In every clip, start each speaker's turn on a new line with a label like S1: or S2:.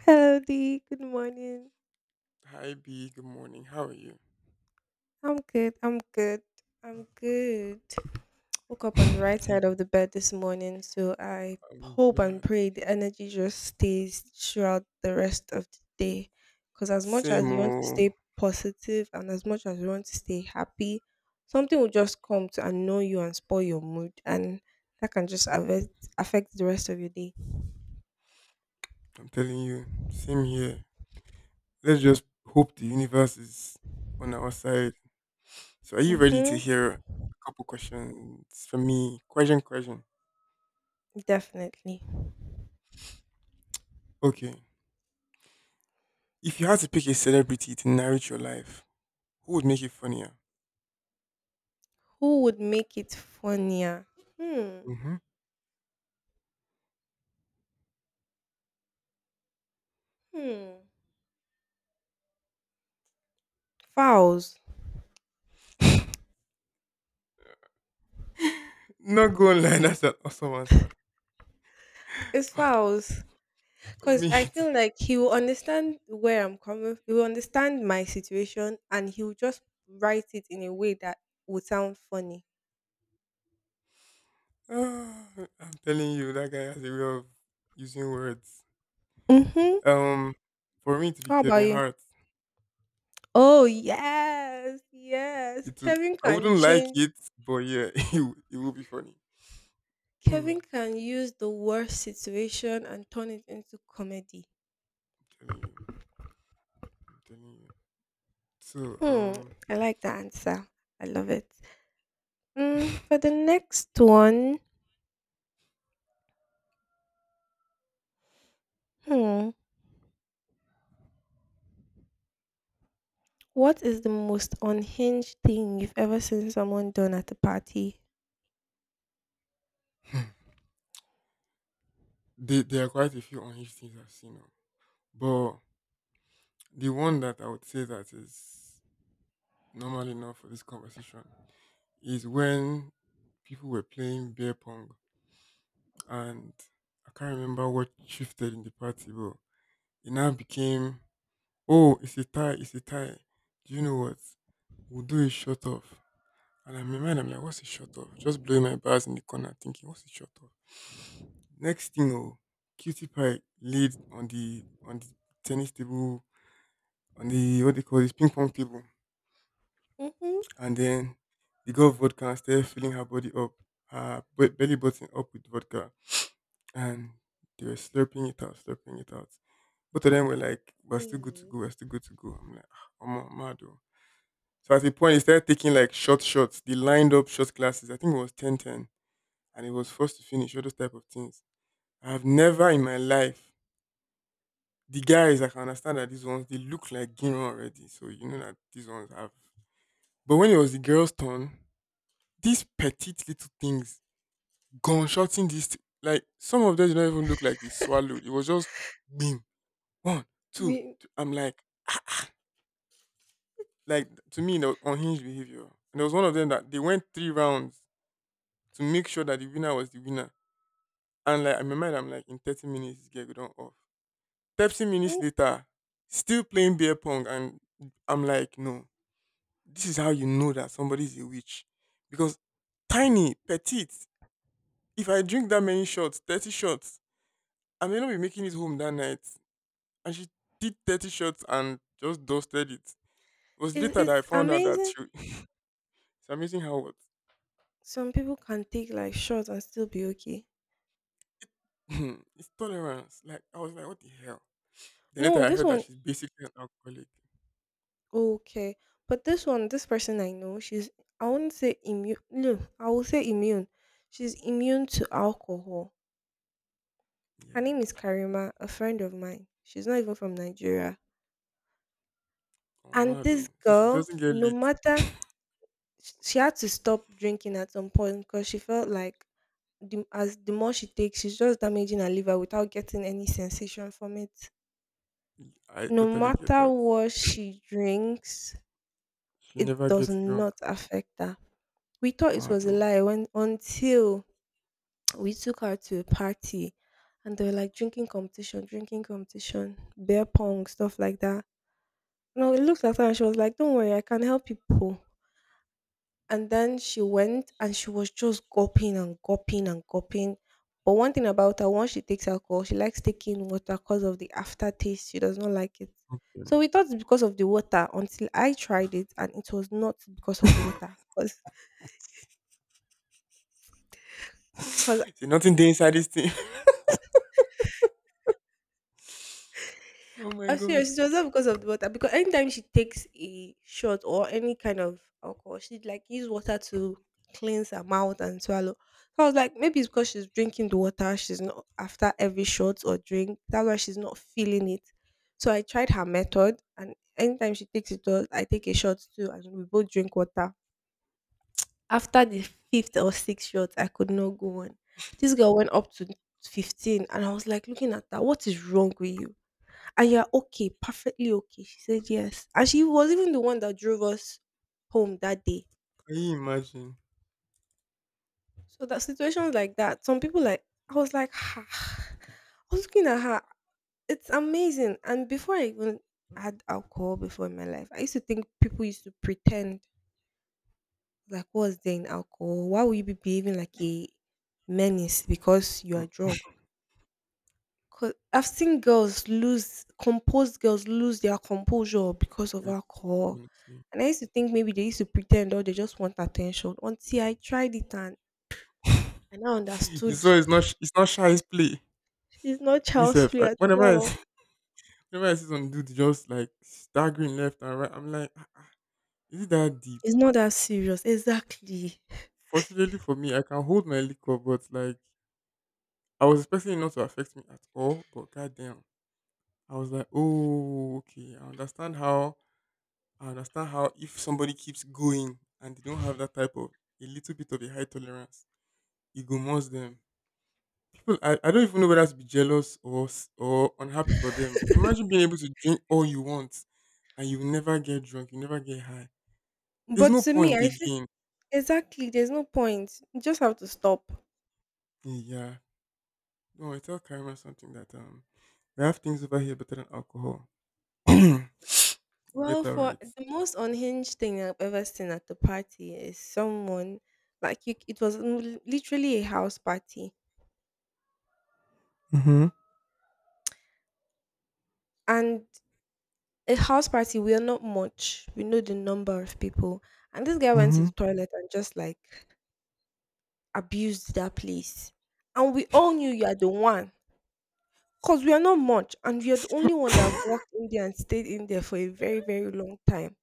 S1: Hello. Good morning.
S2: Hi B, good morning. How are you?
S1: I'm good. I'm good. I'm good. Woke up on the right
S2: I'm
S1: side of the bed this morning, so I hope and
S2: glad.
S1: pray the energy just stays throughout the rest of the day. Because as much as
S2: Same
S1: you want to
S2: old.
S1: stay positive and as much as you want to stay happy, something will just come to annoy you and spoil your mood, and that can just affect the rest of your day.
S2: I'm telling you, same here. Let's just hope the universe is on our side. So are you ready to
S1: Mm-hmm.
S2: hear a couple questions from me? Question, question.
S1: Definitely.
S2: Okay. If you had to pick a celebrity to narrate your life, who would make it funnier?
S1: Who would make it funnier? Hmm.
S2: Hmm.
S1: Hmm. Fowls.
S2: Not going lie, that's an awesome answer.
S1: It's fowls.
S2: For
S1: Because
S2: me,
S1: I
S2: too.
S1: feel like he will understand where I'm coming. He will understand my situation, and he will just write it in a way that would sound funny.
S2: Ah, I'm telling you, that guy has a way of using words.
S1: Mm-hmm.
S2: Um, for me to be
S1: How about
S2: Kevin
S1: you?
S2: Hart,
S1: Oh, yes. Yes.
S2: it will,
S1: Kevin
S2: I
S1: can
S2: wouldn't like
S1: change.
S2: it, but yeah, it will be funny. I'm
S1: Kevin can use the worst situation and turn it into comedy.
S2: telling you, I'm telling you. So
S1: Hmm. I like the answer. I love it. For the next one, hmm. What is the most unhinged thing you've ever seen someone done at a party?
S2: they there are quite a few unhinged things I've seen, now. But the one that I would say that is normal enough for this conversation is when people were playing beer pong, and I can't remember what shifted in the party, but it now became, oh, it's a tie, it's a tie. Do you know what? We'll do a shut off. And I'm in my mind, I'm like, what's a shut off? Just blowing my bars in the corner, thinking, what's a shut off? Next thing, oh, cutie pie laid on the tennis table, on the what they call this ping pong table,
S1: Mhm.
S2: and then the girl vodka and started filling her body up, belly button up with vodka, and they were slurping it out, slurping it out. Both of them were like, "We're still good to
S1: Mm.
S2: go, we're still good to go." I'm like, "I'm mad, oh." So at a point, they started taking like short shots. They lined up shot glasses. I think it was 10-10, and he was forced to finish all those type of things. I've never in my life the guys I can understand that these ones they look like Gino already, so you know that these ones have. But when it was the girls' turn, these petite little things gunshotting these like some of them did not even look like they swallowed. It was just boom, one, two,
S1: We
S2: two. I'm like to me, that was unhinged behavior. And there was one of them that they went three rounds to make sure that the winner was the winner. And like in my mind, I'm like, in 30 minutes, this girl go down off. 30 minutes
S1: mm,
S2: later, still playing beer pong, and I'm like, no, this is how you know that somebody's a witch. Because tiny, petite, if I drink that many shots, 30 shots, I may not be making it home that night. And she did 30 shots and just dusted it. It was later that I
S1: it's
S2: found out that
S1: amazing.
S2: she, it's amazing how what,
S1: Some people can take like shots and still be okay.
S2: it's tolerance. Like, I was like, what the hell? Then
S1: No,
S2: later I
S1: this
S2: heard that
S1: one,
S2: she's basically an alcoholic.
S1: okay, but this one, this person I know, she's I would not say immune. No, I will say immune. She's immune to alcohol.
S2: Yeah,
S1: Her name is Karima, a friend of mine. She's not even from Nigeria.
S2: oh,
S1: And
S2: mad
S1: this
S2: though. So she
S1: girl,
S2: doesn't get
S1: no
S2: lit.
S1: matter she had to stop drinking at some point because she felt like as the more she takes, she's just damaging her liver without getting any sensation from it.
S2: I
S1: No
S2: totally get
S1: matter
S2: that.
S1: what she drinks,
S2: She
S1: it
S2: never
S1: does
S2: gets drunk.
S1: not affect her. We thought it
S2: Mad
S1: was a
S2: oh.
S1: lie when until we took her to a party, and they were like drinking competition, beer pong, stuff like that. No, it looked at her and she was like, "Don't worry, I can help people." And then she went and she was just gulping and gulping and gulping. But one thing about her, once she takes alcohol, she likes taking water because of the aftertaste. She does not like it.
S2: Yeah.
S1: So we thought it's because of the water until I tried it and it was not because of the water. Because
S2: See nothing dey inside this thing. Oh my
S1: I'm
S2: god.
S1: serious. It was not because of the water. Because anytime she takes a shot or any kind of alcohol, she like use water to cleanse her mouth and swallow. So I was like, maybe it's because she's drinking the water. She's not after every shot or drink. That's why she's not feeling it. So I tried her method, and anytime she takes a shot, I take a shot too, and we both drink water. After the fifth or sixth shot, I could not go on. This girl went up to 15, and I was like, looking at her, what is wrong with you? And you're okay, perfectly okay. She said yes. And she was even the one that drove us home that day.
S2: Can you imagine?
S1: So that situations like that, some people, like, I was like, "Ah." I was looking at her. It's amazing. And before I even had alcohol before in my life, I used to think people used to pretend, like, what's there in alcohol? Why would you be behaving like a menace because you
S2: Mm,
S1: are drunk? 'Cause I've seen girls lose composed girls lose their composure because of
S2: yes,
S1: alcohol,
S2: honestly.
S1: and I used to think maybe they used to pretend or they just want attention until I tried it, and I now
S2: You
S1: understood.
S2: saw it's not shy's play.
S1: It's not
S2: Me
S1: child's
S2: sef,
S1: play at
S2: whenever I
S1: all.
S2: see— whenever I see some dude just like staggering left and right, I'm like, "Ah, is it that deep?"
S1: It's not that serious. Exactly.
S2: Fortunately for me, I can hold my liquor, but like I was expecting it not to affect me at all. But goddamn, I was like, oh okay, I understand how if somebody keeps going and they don't have that type of a little bit of a high tolerance it go must them. People, I don't even know whether to be jealous or unhappy for them. Imagine being able to drink all you want and you never get drunk, you never get high. There's
S1: But
S2: no
S1: to me,
S2: point
S1: I feel,
S2: again.
S1: exactly, there's no point. You just have to stop.
S2: Yeah. No, I tell Karima something that we have things over here better than alcohol. We'll get
S1: Well,
S2: that
S1: for
S2: right.
S1: the most unhinged thing I've ever seen at the party is someone like you. It was literally a house party,
S2: Mm-hmm.
S1: and a house party. We are not much. We know the number of people. And this guy went to
S2: Mm-hmm.
S1: the toilet and just like abused that place. And we all knew you are the one. Because we are not much. And you're the only one that have walked in there and stayed in there for a very, very long time.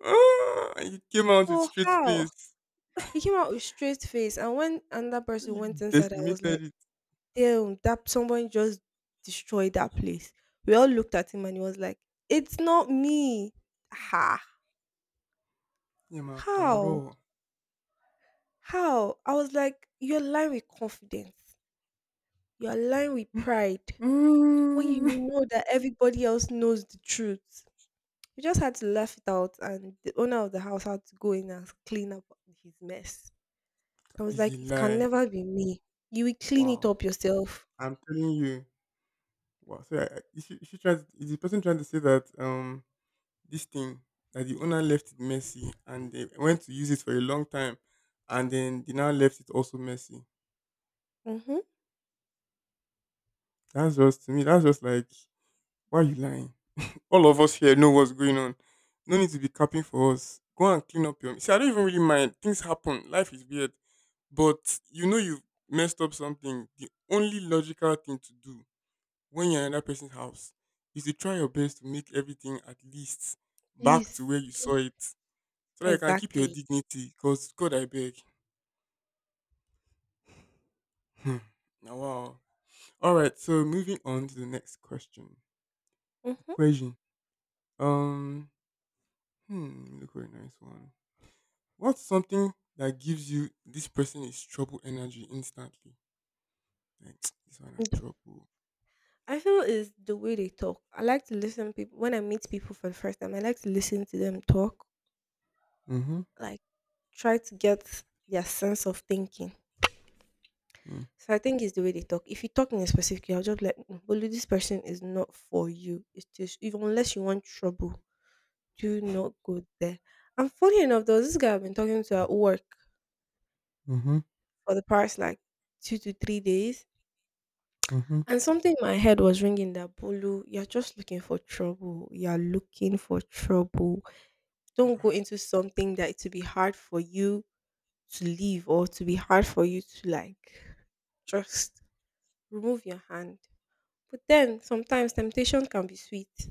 S2: Ah, and you came out with
S1: So
S2: straight
S1: how?
S2: face.
S1: He came out with straight face. And when another person went
S2: You
S1: inside, I was like,
S2: decimated it.
S1: damn, that someone just destroyed that place. We all looked at him and he was like, "It's not me." Ha.
S2: Yeah, my
S1: How?
S2: parole.
S1: How? I was like, you're lying with confidence. You're lying with pride. When you
S2: Mm.
S1: know that everybody else knows the truth. You just had to laugh it out, and the owner of the house had to go in and clean up his mess. I was
S2: Is a
S1: like, it can
S2: lie.
S1: never be me. You will clean it
S2: Wow.
S1: up yourself.
S2: I'm telling you. Wow. So is she trying? Is the person trying to say that this thing that the owner left it messy and they went to use it for a long time, and then they now left it also messy?
S1: Mm-hmm.
S2: That's just to me. That's just like why are you lying? All of us here know what's going on. No need to be capping for us. Go and clean up your. See, I don't even really mind. Things happen. Life is weird, but you know you've messed up something. The only logical thing to do when you're in that person's house is to try your best to make everything at least back to
S1: Please.
S2: where you saw it so that you can keep your
S1: Exactly.
S2: dignity because god I beg. Hmm. Now wow, all right, so moving on to the next question,
S1: Mm-hmm.
S2: equation. um look, very nice one. What's something that gives you this person is trouble energy instantly, like this one are trouble.
S1: I feel is the way they talk. I like to listen people when I meet people for the first time. I like to listen to them talk,
S2: Mm-hmm.
S1: like try to get their sense of thinking. So I think it's the way they talk. If you talk in a specific way, I'll just be like, "Mm, Bolu, this person is not for you. It's just, if, unless you want trouble, do not go there." And funny enough, there was this guy I've been talking to at work
S2: Mm-hmm.
S1: for the past like 2 to 3 days,
S2: Mm-hmm.
S1: and something in my head was ringing that, Bolu, you're just looking for trouble. You're looking for trouble. Don't go into something that it will be hard for you to leave or to be hard for you to like. Just remove your hand. But then sometimes temptation can be sweet.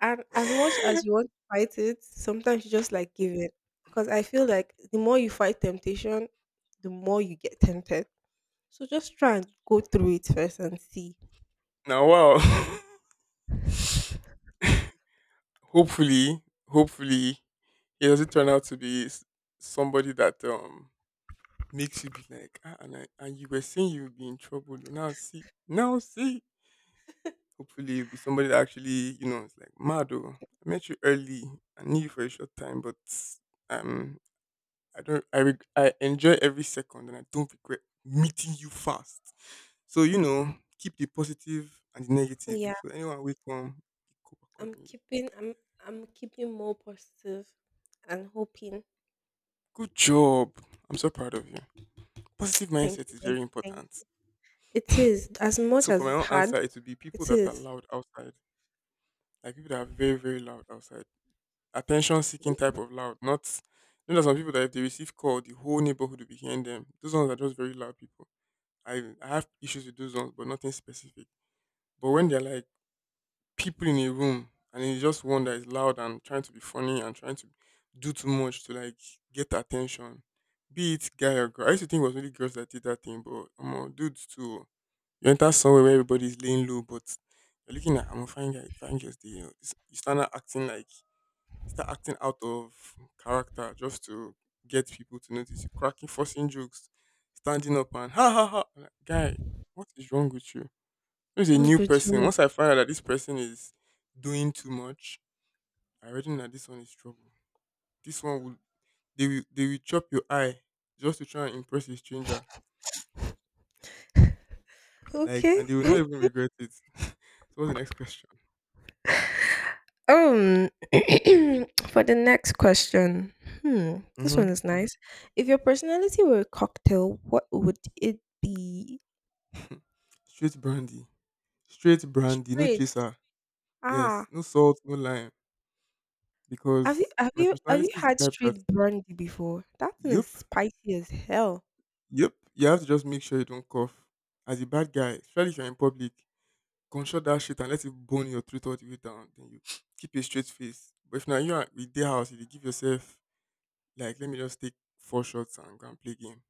S1: And as much as you want to fight it, sometimes you just like give in. Because I feel like the more you fight temptation, the more you get tempted. So just try and go through it first and see.
S2: Now wow. hopefully, hopefully, it doesn't turn out to be somebody that makes you be like, ah, and you were saying you would be in trouble. Now see, now see. Hopefully, you'll be somebody that actually, it's like, Mado, I met you early. I knew you for a short time, but um, I enjoy every second, and I don't regret meeting you fast. So keep the positive and the negative.
S1: Yeah,
S2: So anyone we come, you cope
S1: I'm
S2: accordingly.
S1: keeping I'm I'm keeping more positive and hoping.
S2: Good job. I'm so proud of you. Positive
S1: Thank
S2: mindset
S1: you,
S2: is
S1: thank
S2: very
S1: you, thank
S2: important.
S1: you. It is, as
S2: So
S1: much
S2: for
S1: as
S2: my
S1: it's
S2: own answer,
S1: hard,
S2: it would be people
S1: it
S2: that are
S1: is.
S2: loud outside, like people that are very very loud outside, attention seeking type of loud. Not there's some people that if they receive call, the whole neighborhood will be hearing them. Those ones are just very loud people. I have issues with those ones, but nothing specific. But when they're like people in a room and it's just one that is loud and trying to be funny and trying to do too much to like get attention, be it guy or girl. I used to think it was only girls that did that thing, but dudes too. You enter somewhere where everybody's laying low, but you're looking at I'm a fine guy, fine girls there. You know, you start not acting like you start acting out of character just to get people to notice you. Cracking, forcing jokes, standing up and ha ha ha. I'm like, guy, what is wrong with you? There's a
S1: Don't
S2: new
S1: do too
S2: person.
S1: much.
S2: Once I find out that this person is doing too much, I already know that this one is trouble. This one will they will they will chop your eye just to try and impress a stranger. Like
S1: Okay.
S2: and they will not even regret it. So what's the next question?
S1: Um, for the next question, hmm, this one is nice. If your personality were a cocktail, what would it be?
S2: Straight brandy, straight brandy, no
S1: Straight.
S2: chaser. Yes,
S1: Ah,
S2: no salt, no lime,
S1: have you
S2: because
S1: have
S2: my
S1: you have you
S2: personality is
S1: had
S2: the type that
S1: straight brandy before? That thing is
S2: yup,
S1: spicy as hell.
S2: yup. You have to just make sure you don't cough. As a bad guy, especially if you're in public, control that shit and let it burn your throat all the way down. Then you keep a straight face. But if now you are with their house, you dey give yourself like let me just take four shots and go and play game.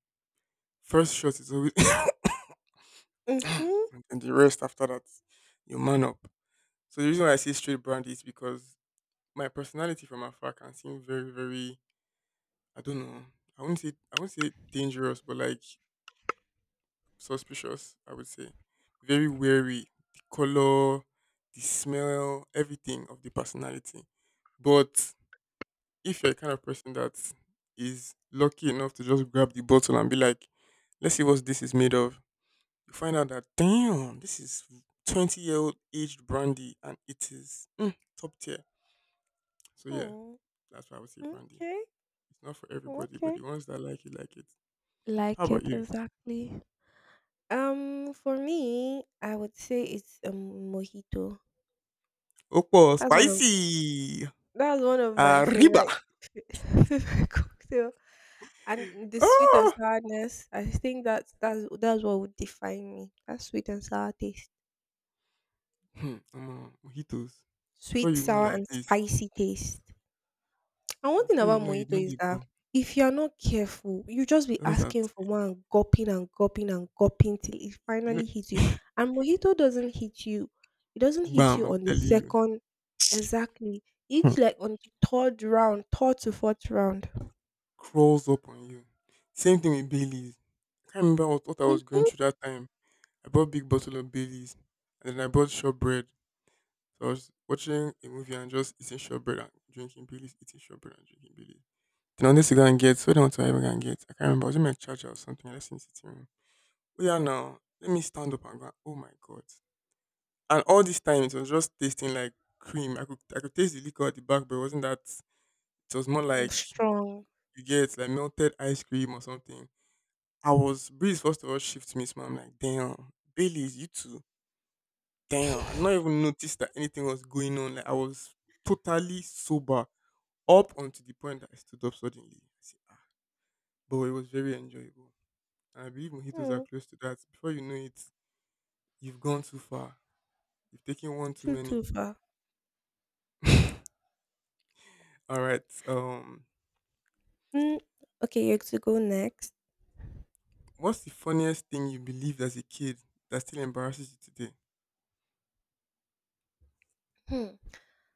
S2: First shot is always
S1: Mm-hmm.
S2: and the rest after that, you man up. So the reason why I say straight brandy is because my personality from afar can seem very, very I don't know. I wouldn't say dangerous, but like suspicious, I would say. Very wary. The color, the smell, everything of the personality. But if you're a kind of person that is lucky enough to just grab the bottle and be like, let's see what this is made of, you find out that damn, this is 20-year-old aged brandy and it is top tier. So yeah,
S1: Mm,
S2: that's why I would say brandy.
S1: okay.
S2: It's not for everybody, but
S1: Okay.
S2: the ones that like it, like it. How
S1: Like
S2: about
S1: it
S2: you?
S1: exactly. For me, I would say it's a mojito.
S2: Opo,
S1: That's one of
S2: spicy.
S1: That's one of my
S2: Arriba.
S1: favorite favorite cocktail, and the sweet and
S2: Oh.
S1: sourness. I think that's what would define me. That sweet and sour taste,
S2: Omo, mojitos. Before
S1: sweet,
S2: you know
S1: sour,
S2: like
S1: and
S2: this,
S1: spicy taste. And one thing
S2: before you
S1: about
S2: know you
S1: mojito
S2: don't
S1: is
S2: dey go.
S1: that if you are not careful, you just be
S2: That's what I'm
S1: asking for one, and gulping and gulping and gulping till it
S2: saying.
S1: finally hits you.
S2: You know,
S1: And mojito doesn't hit you. It doesn't hit
S2: bam,
S1: you
S2: I'm
S1: on the
S2: telling you.
S1: second. Exactly.
S2: Hmm.
S1: It's like on the third round, third to fourth round.
S2: Crawls up on you. Same thing with Bailey's. I can't remember what I was going through that time. I bought big bottle of Bailey's and then I bought shortbread. So I was watching a movie and just eating shortbread and drinking Bailey's, eating shortbread and drinking Bailey's. Then I wanted to go and get what I want to even go and get. I can't remember. I was in my charger or something. I left it in the sitting room. Oh yeah, now let me stand up and go. Oh my god! And all this time it was just tasting like cream. I could taste the liquor at the back, but it wasn't that. It was more
S1: Mm,
S2: like
S1: strong.
S2: you get like melted ice cream or something. I was breeze first of all shifted me, so I'm like damn, Bailey's you too. Damn, I not even noticed that anything was going on. Like I was totally sober up until the point that I stood up suddenly. But it was very enjoyable. I believe mojitos are
S1: Hmm.
S2: close to that. Before you know it, you've gone too far. You've taken one too
S1: True,
S2: many.
S1: too far.
S2: All right. Um,
S1: Mm, okay, you're to go next.
S2: what's the funniest thing you believed as a kid that still embarrasses you today?
S1: Hmm.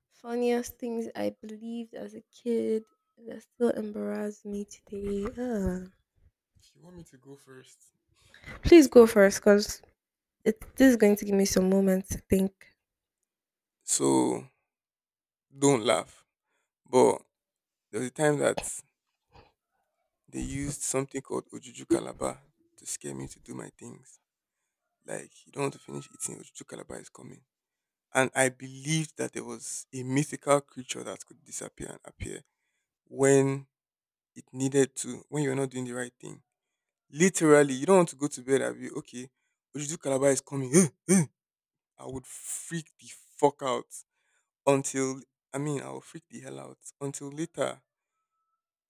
S1: Funniest things I believed as a kid that still embarrass me today. Ah.
S2: If you want me to go first,
S1: Please
S2: just
S1: go
S2: tell
S1: first,
S2: me.
S1: because it this is going to give me some moments to think.
S2: So don't laugh. But there was a time that they used something called ojuju kalaba to scare me to do my things. Like you don't want to finish eating, ojuju kalaba is coming. And I believed that there was a mythical creature that could disappear and appear when it needed to when you're not doing the right thing. Literally, you don't want to go to bed and you okay, Ojudu Calabar is coming. I would freak the fuck out until I mean I would freak the hell out until later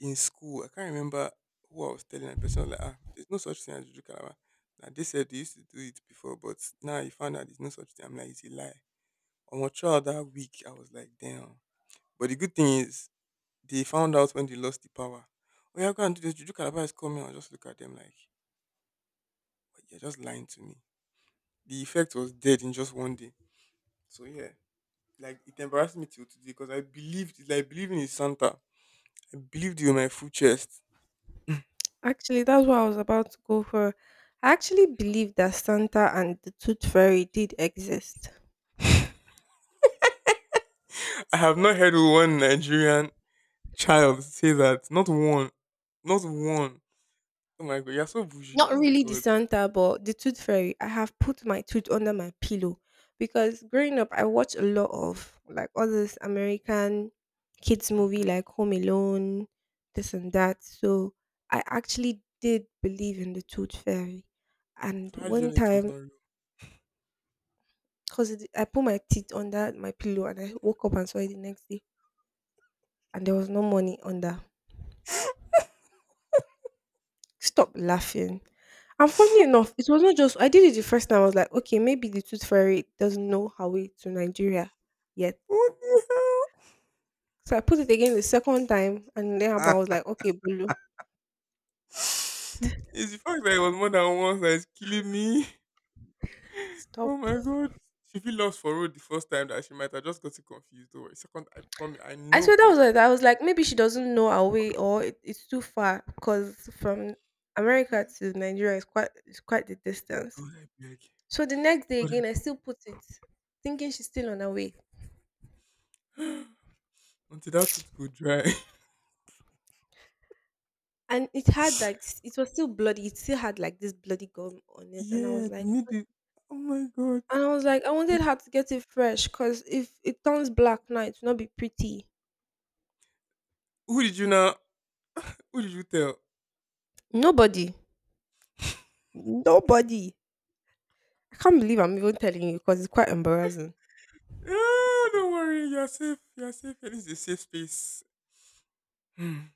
S2: in school. I can't remember who I was telling, and the person was like, ah, there's no such thing as Ojudu Calabar. Now they said they used to do it before, but now you found out there's no such thing. I'm like, it's a lie. On my trial that week, I was like, damn. But the good thing is, they found out when they lost the power. Oh yeah, go and do this. Juju Calabar is coming. I'll just look at them like, "But you're just lying to me. The effect was dead in just one day. So yeah, like it embarrassed me till today because I believed, like believing in Santa. I believed you in my full chest.
S1: Actually, that's what I was about to go for. I actually believed that Santa and the Tooth Fairy did exist.
S2: I have not heard one Nigerian child say that. Not one. Not one. Oh my god, you're so bougie.
S1: Not
S2: Oh my
S1: really the
S2: god.
S1: Santa, but the Tooth Fairy. I have put my tooth under my pillow because growing up, I watch a lot of like all this American kids movie
S2: Mm-hmm.
S1: like Home Alone, this and that. So I actually did believe in the Tooth Fairy. And
S2: So how do you
S1: one
S2: know it was
S1: time,
S2: not real?
S1: I put my teeth under my pillow and I woke up and saw it the next day, and there was no money under. Stop laughing. And funny enough, it was not just I did it the first time. I was like, okay, maybe the tooth fairy doesn't know her way to Nigeria yet.
S2: What the hell?
S1: So I put it again the second time, and then happened, I was like, okay, Bulu,
S2: It's the fact that it was more than once that is killing me. Oh
S1: stop.
S2: my god. She feel lost for road the first time that she might have just gotten confused. Don't worry. Second, I promise, I
S1: I
S2: know
S1: swear
S2: for
S1: that
S2: a
S1: was
S2: fact.
S1: it. I was like, maybe she doesn't know our way, or it's too far, because from America to Nigeria is quite the distance.
S2: God, I beg.
S1: So the next day
S2: God,
S1: again, I still put it, thinking she's still on her way.
S2: I. Until that tooth go dry.
S1: And it had it was still bloody. It still had like this bloody gum on it, and I
S2: Yeah,
S1: was
S2: they
S1: like,
S2: made it. Oh my god.
S1: and I was like, I wanted her to get it fresh, cause if it turns black now, it will not be pretty.
S2: Who did you now? Who did you tell?
S1: Nobody, nobody. I can't believe I'm even telling you, cause it's quite embarrassing.
S2: Yeah, don't worry. You're safe. You're safe. And it's a safe space. Hmm.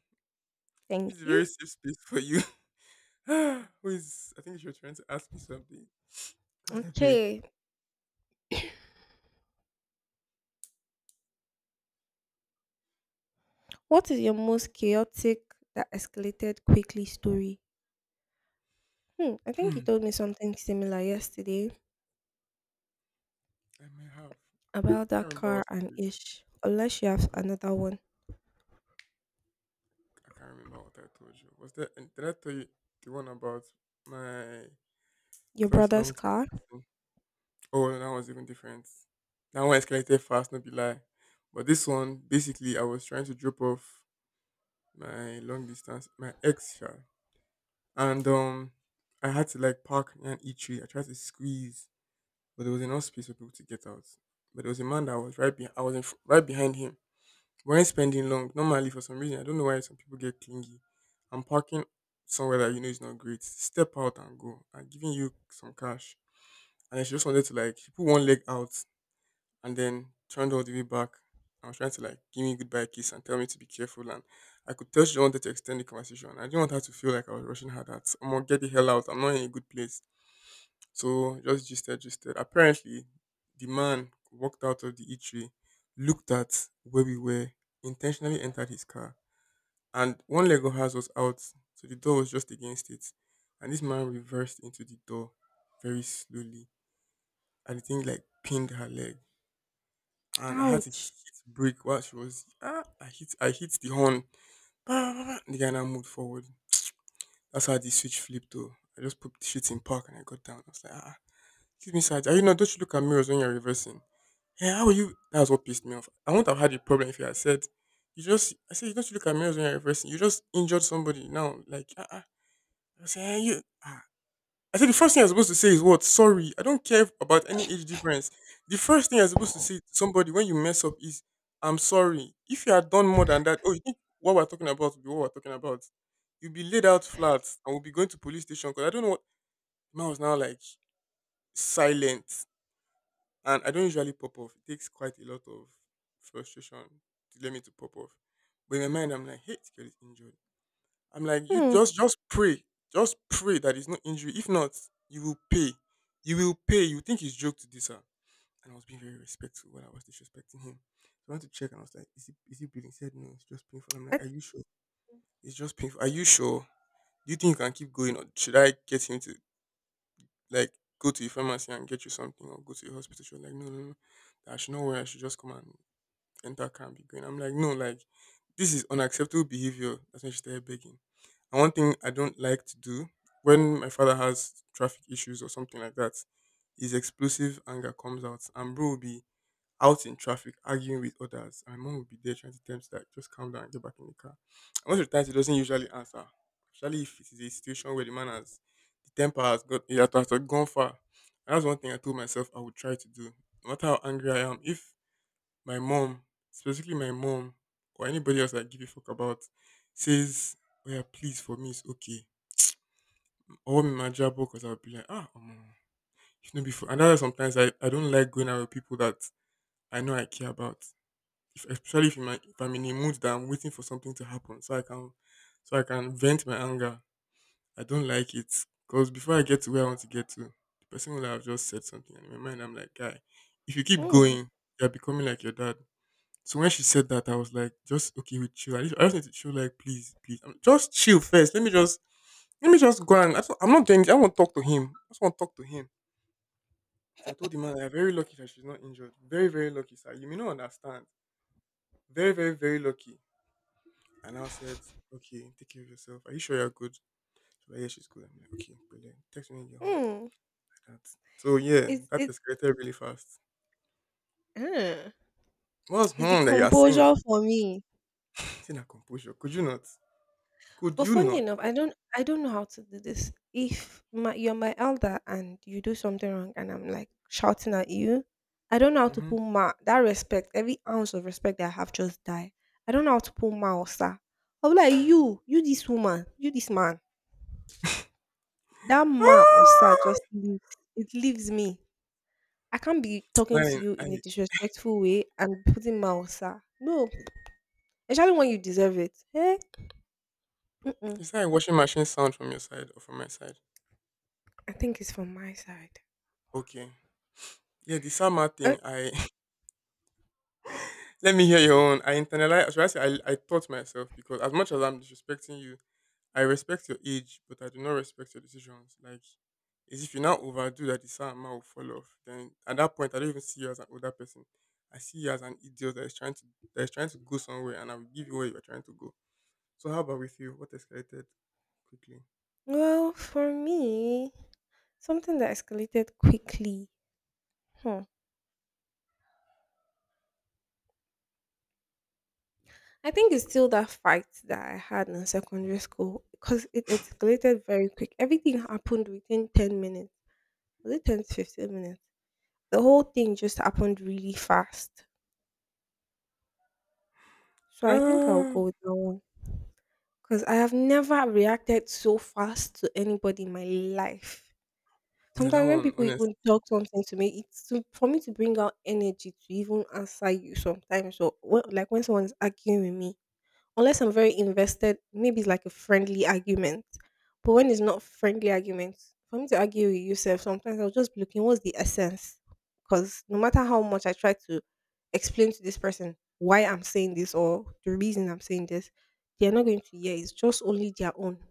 S2: This a
S1: Thank you.
S2: very safe space for you. Ah, who is? I think she was trying to ask me something. God, I beg.
S1: Okay, what is your most chaotic that escalated quickly story? Hmm, I think
S2: Hmm.
S1: you told me something similar yesterday
S2: I may have. I
S1: about
S2: can't
S1: that
S2: remember
S1: car
S2: what
S1: and
S2: story.
S1: ish. Unless you have another one,
S2: I can't remember what I told you. Was there? And did I tell you the one about my
S1: your
S2: first
S1: brother's
S2: long term
S1: car.
S2: person? Oh, no, that one was even different. That one escalated fast, not be lie. But this one, basically, I was trying to drop off my long distance, my ex, sha. And I had to like park near an eatery. I tried to squeeze, but there was enough space for people to get out. But there was a man that was right behind. I was in, right behind him. But when spending long, normally for some reason, I don't know why some people get clingy. I'm parking somewhere that you know is not great. Step out and go. I'm giving you some cash. And then she just wanted to like she put one leg out and then turned all the way back. I was trying to like give me a goodbye kiss and tell me to be careful, and I could tell she wanted to extend the conversation. I didn't want her to feel like I was rushing her that I'm gonna get the hell out. I'm not in a good place. So just gisted, gisted. Apparently, the man walked out of the eatery, looked at where we were, intentionally entered his car, and one leg of ours was out, so the door was just against it. And this man reversed into the door very slowly, and the thing like pinned her leg. And I had to hit
S1: Ouch.
S2: brake while she was ah, I hit the horn. Bah, bah, bah, and the guy now moved forward. That's how the switch flipped though. I just put the shit in park and I got down. I was like, ah, excuse me, sir. Are you not? Don't you look at mirrors when you're reversing? "Eh, how will you?" That's what pissed me off. I wouldn't have had a problem if you had said, "You just," I said, "You don't look at mirrors when you're reversing. You just injured somebody now." Like, uh. I said, "Eh, you." ah." I said the first thing I'm supposed to say is what? Sorry, I don't care about any age difference. The first thing I'm supposed to say to somebody when you mess up is, "I'm sorry." If you had done more than that, oh, you think what we're talking about will be what we're talking about? You'll be laid out flat, and we'll be going to police station because I don't know what. Man was now like silent and I don't usually pop off. It takes quite a lot of frustration to let me to pop off. But in my mind, I'm like, hey, this girl is injured. I'm like, you
S1: Hmm.
S2: just pray, just pray that it's not injury. If not, you will pay. You will pay. You think it's joke to this her. And I was being very respectful when I was disrespecting him. So I went to check and I was like, is he bleeding? He said no, it's just painful. I'm like,
S1: I
S2: are you sure? It's just painful. Are you sure? Do you think you can keep going or should I get him to? Like go to a pharmacy and get you something or go to a hospital. She was like, no, no, no, I should not worry. I should just come and enter car and be going. I'm like, no, like this is unacceptable behavior. That's when she started begging. And one thing I don't like to do when my father has traffic issues or something like that, his explosive anger comes out, and bro will be out in traffic arguing with others. And my mom would be there trying to tell me to like just calm down and get back in the car. And most of the times he doesn't usually answer. Especially if it is a situation where the man has the temper has got it has gone far. And that's one thing I told myself I would try to do. No matter how angry I am, if my mom, specifically my mom, or anybody else I give a fuck about, says, oh yeah, please for me it's okay. Or me my job because I'll be like, if not before and that's why sometimes I don't like going out with people that I know I care about if, especially if, my, if I'm in a mood that I'm waiting for something to happen, so I can vent my anger. I don't like it because before I get to where I want to get to, the person will have just said something, and in my mind, I'm like, guy, if you keep
S1: mm,
S2: going, you're becoming like your dad. So when she said that, I was like, just okay with chill. I just need to chill, like, please, please, just chill first. Let me just go and I just, I'm not doing this. I want to talk to him. I just want to talk to him. So I told the man, I'm very lucky that she's not injured. Very, very lucky, sir. You may not understand. Very, very, very lucky. And I said, okay, take care of yourself. Are you sure you're good? She's like, yeah, she's good. I'm like, okay, brilliant. Text me when you get home.
S1: mm,
S2: Like that. So yeah,
S1: it's
S2: that
S1: it
S2: escalated really fast.
S1: uh,
S2: What's
S1: it's the
S2: wrong that you are saying?
S1: composure for me.
S2: Saying that composure. Could you not? Could
S1: But
S2: you
S1: funny
S2: not?
S1: enough, I don't know how to do this. If my— you're my elder and you do something wrong and I'm like shouting at you, I don't know how to
S2: Mm-hmm.
S1: put ma— that respect, every ounce of respect that I have just die. I don't know how to put ma or sir. I'll be like you, this woman, you this man. That ma or sir
S2: Ah!
S1: just leaves— it leaves me. I can't be talking to
S2: Man,
S1: you in a
S2: I
S1: disrespectful way and putting ma or sir. No, especially when you deserve it. Eh? Mm-mm.
S2: is that a washing machine sound from your side or from my side?
S1: I think it's from my side.
S2: Okay. Yeah, the summer
S1: Uh,
S2: thing, I let me hear your own. I internalized, should I say, I taught myself because as much as I'm disrespecting you, I respect your age, but I do not respect your decisions. Like, is if you now overdo that, the same amount will fall off. Then at that point, I don't even see you as an older person. I see you as an idiot that is trying to go somewhere, and I will give you where you are trying to go. So how about with you? What escalated quickly?
S1: well, for me, something that escalated quickly. Hmm. I think it's still that fight that I had in secondary school because it escalated very quick. Everything happened within 10 minutes. Was it 10 to 15 minutes? The whole thing just happened really fast. So I think I'll go with that one because I have never reacted so fast to anybody in my life.
S2: Ah, yeah, that
S1: Sometimes when
S2: one,
S1: people
S2: honest.
S1: even talk something to me, it's for me to bring out energy to even answer you sometimes. So, like when someone is arguing with me, unless I'm very invested, maybe it's like a friendly argument. But when it's not friendly arguments, for me to argue with yourself, sometimes I'll just be looking, what's the essence? Because no matter how much I try to explain to this person why I'm saying this or the reason I'm saying this, they are not going to hear. It's just only their own.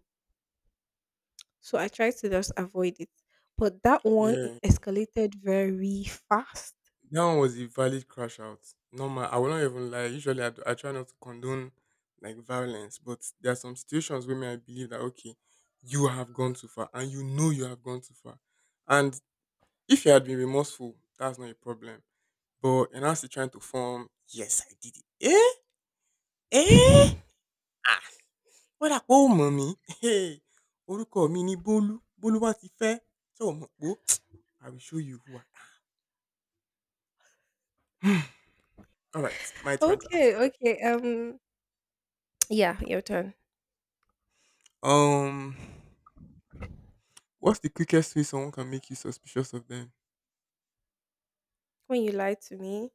S1: So I tried to just avoid it. But that one— it
S2: Yeah,
S1: escalated very fast.
S2: that one was a valid crash out. Normal. I will not even lie. Usually, I try not to condone like violence, but there are some situations where me I believe that okay, you have gone too far, and you know you have gone too far. And if you had been remorseful, that's not a problem. But and now still trying to form. Yes, I did it. Eh. Ah, what a oh mommy. Hey, orúkọ mi ni Bolu. Bolu wa ti fẹ́. So mo po, I will show you who I am. All right, my turn to ask a
S1: Okay,
S2: question.
S1: okay. Yeah, your turn.
S2: Um. What's the quickest way someone can make you suspicious of them?
S1: When you lie to me,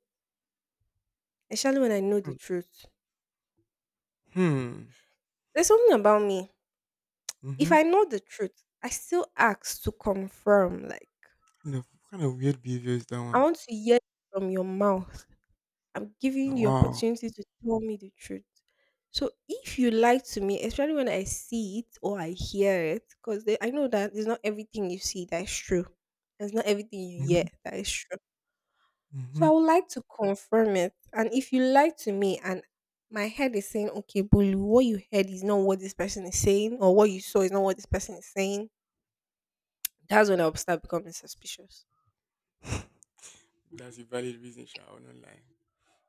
S1: especially when I know
S2: Hmm.
S1: the truth.
S2: Hmm.
S1: There's something about me. If
S2: Mm-hmm.
S1: I know the truth, I still ask to confirm. Like,
S2: Kind of, what kind of weird behavior is that
S1: I
S2: one?
S1: want to hear it from your mouth. I'm
S2: Now,
S1: giving you the
S2: wow.
S1: opportunity to tell me the truth. So if you lie to me, especially when I see it or I hear it, because I know that it's not everything you see that is true. It's not everything you hear
S2: Mm-hmm.
S1: that is true. So
S2: Mm-hmm.
S1: I would like to confirm it. And if you lie to me and my head is saying, okay, Bulu, what you heard is not what this person is saying, or what you saw is not what this person is saying, that's when I'll start becoming suspicious.
S2: That's a valid reason, Sha. I will not lie.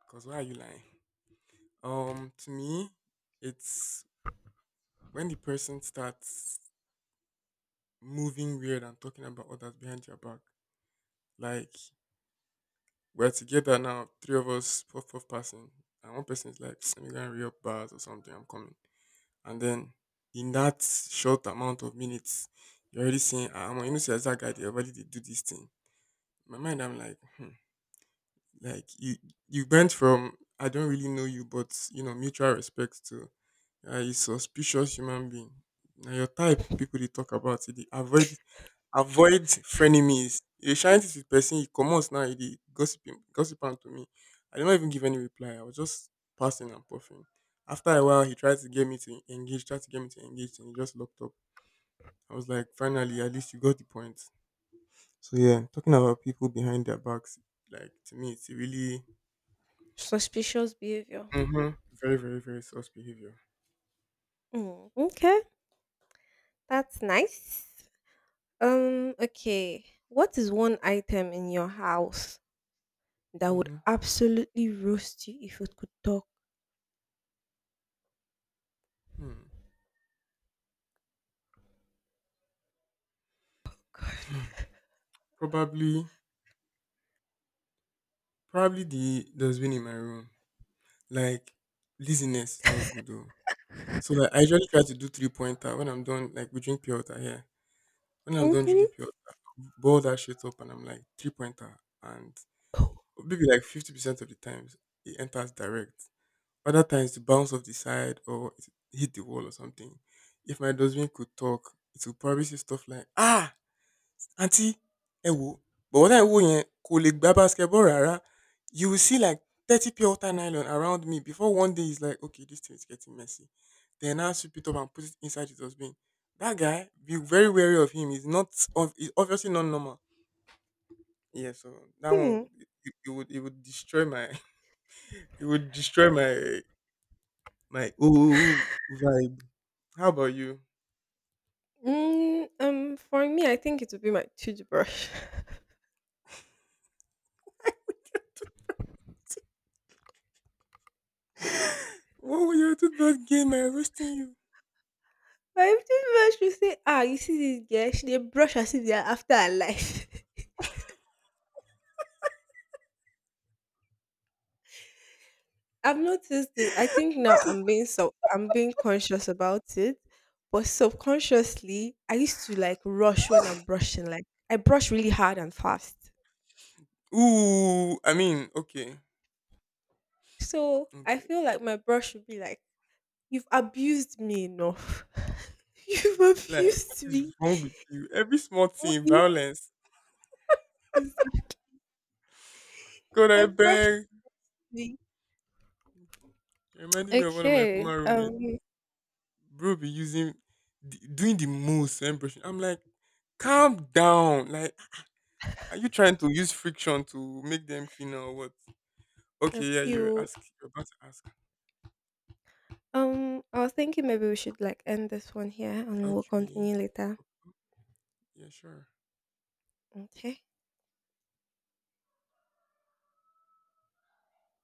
S2: Because why are you lying? To me, it's when the person starts moving weird and talking about others behind your back. Like, we're together now, three of us, puff puff passing, and one person is like, let me go and re-up bars or something, I'm coming. And then in that short amount of minutes, you're already saying, ah, man, you know, see, as that guy, they already did do this thing. In my mind, I'm like, hmm, like you went from I don't really know you, but you know, mutual respect to a suspicious human being. Now your type, people they talk about it, they avoid. Avoid frenemies. You dey shine this person, you comot now you gossiping, gossiping to me. I did not even give any reply. I was just passing and puffing. After a while, he tried to get me to engage, tried to get me to engage, and he just locked up. I was like, finally, at least you got the point. So yeah, talking about people behind their backs, like to me, it's a really
S1: Suspicious behavior.
S2: hmm very, very, very sus behavior.
S1: Mm, okay, that's nice. Okay. What is one item in your house that would
S2: Hmm.
S1: absolutely roast you if it could talk?
S2: Hmm.
S1: God.
S2: Probably, probably the dustbin in my room. Like laziness is not good though. So like I usually try to do three pointer when I'm done. Like we drink pure water here. When I'm done
S1: Mm-hmm.
S2: drinking pure water, boil that shit up, and I'm like three pointer, and maybe like 50% of the times it enters direct. Other times it bounce off the side or it hit the wall or something. If my dustbin could talk, it would probably say stuff like ah, "Aunty, ẹ wòó, bọ̀bọ́ tẹ̀ ń wò yẹn kò lè gbá basketball rárá. You will see like 30 pure water nylon around me before one day he's like, okay, this thing is getting messy. Then I'll sweep it up and put it inside his dustbin. That guy, be very wary of him. He's not, he's obviously not normal. Yeah, so that one,
S1: Hmm.
S2: would- it, it would, it would destroy my, it would destroy my, my ooh vibe. How about you?
S1: Mm, for me, I think it would be my toothbrush.
S2: What will your toothbrush game? I roasting you.
S1: My toothbrush will say, ah, you see this girl, she they brush as if they are after her life. I've noticed this. I think now I'm being so— I'm being conscious about it, but subconsciously, I used to like rush when I'm brushing. Like, I brush really hard and fast.
S2: Ooh, I mean, okay,
S1: So I
S2: okay.
S1: feel like my brush should be like, you've abused me enough. You've
S2: Like, what
S1: abused
S2: is
S1: me.
S2: wrong with you? Every small
S1: What
S2: thing,
S1: is
S2: violence.
S1: this?
S2: God, I
S1: I brushed
S2: beg.
S1: me.
S2: It reminded me of one of my
S1: Okay.
S2: former roommates.
S1: Um,
S2: Bro, be doing the most when brushing. I'm like, calm down. Like, are you trying to use friction to make them cleaner or what? Okay, yeah, you
S1: appeal.
S2: ask. You're about to ask.
S1: Um, I was thinking maybe we should like end this one here and we'll
S2: Okay,
S1: continue later.
S2: yeah, sure.
S1: Okay.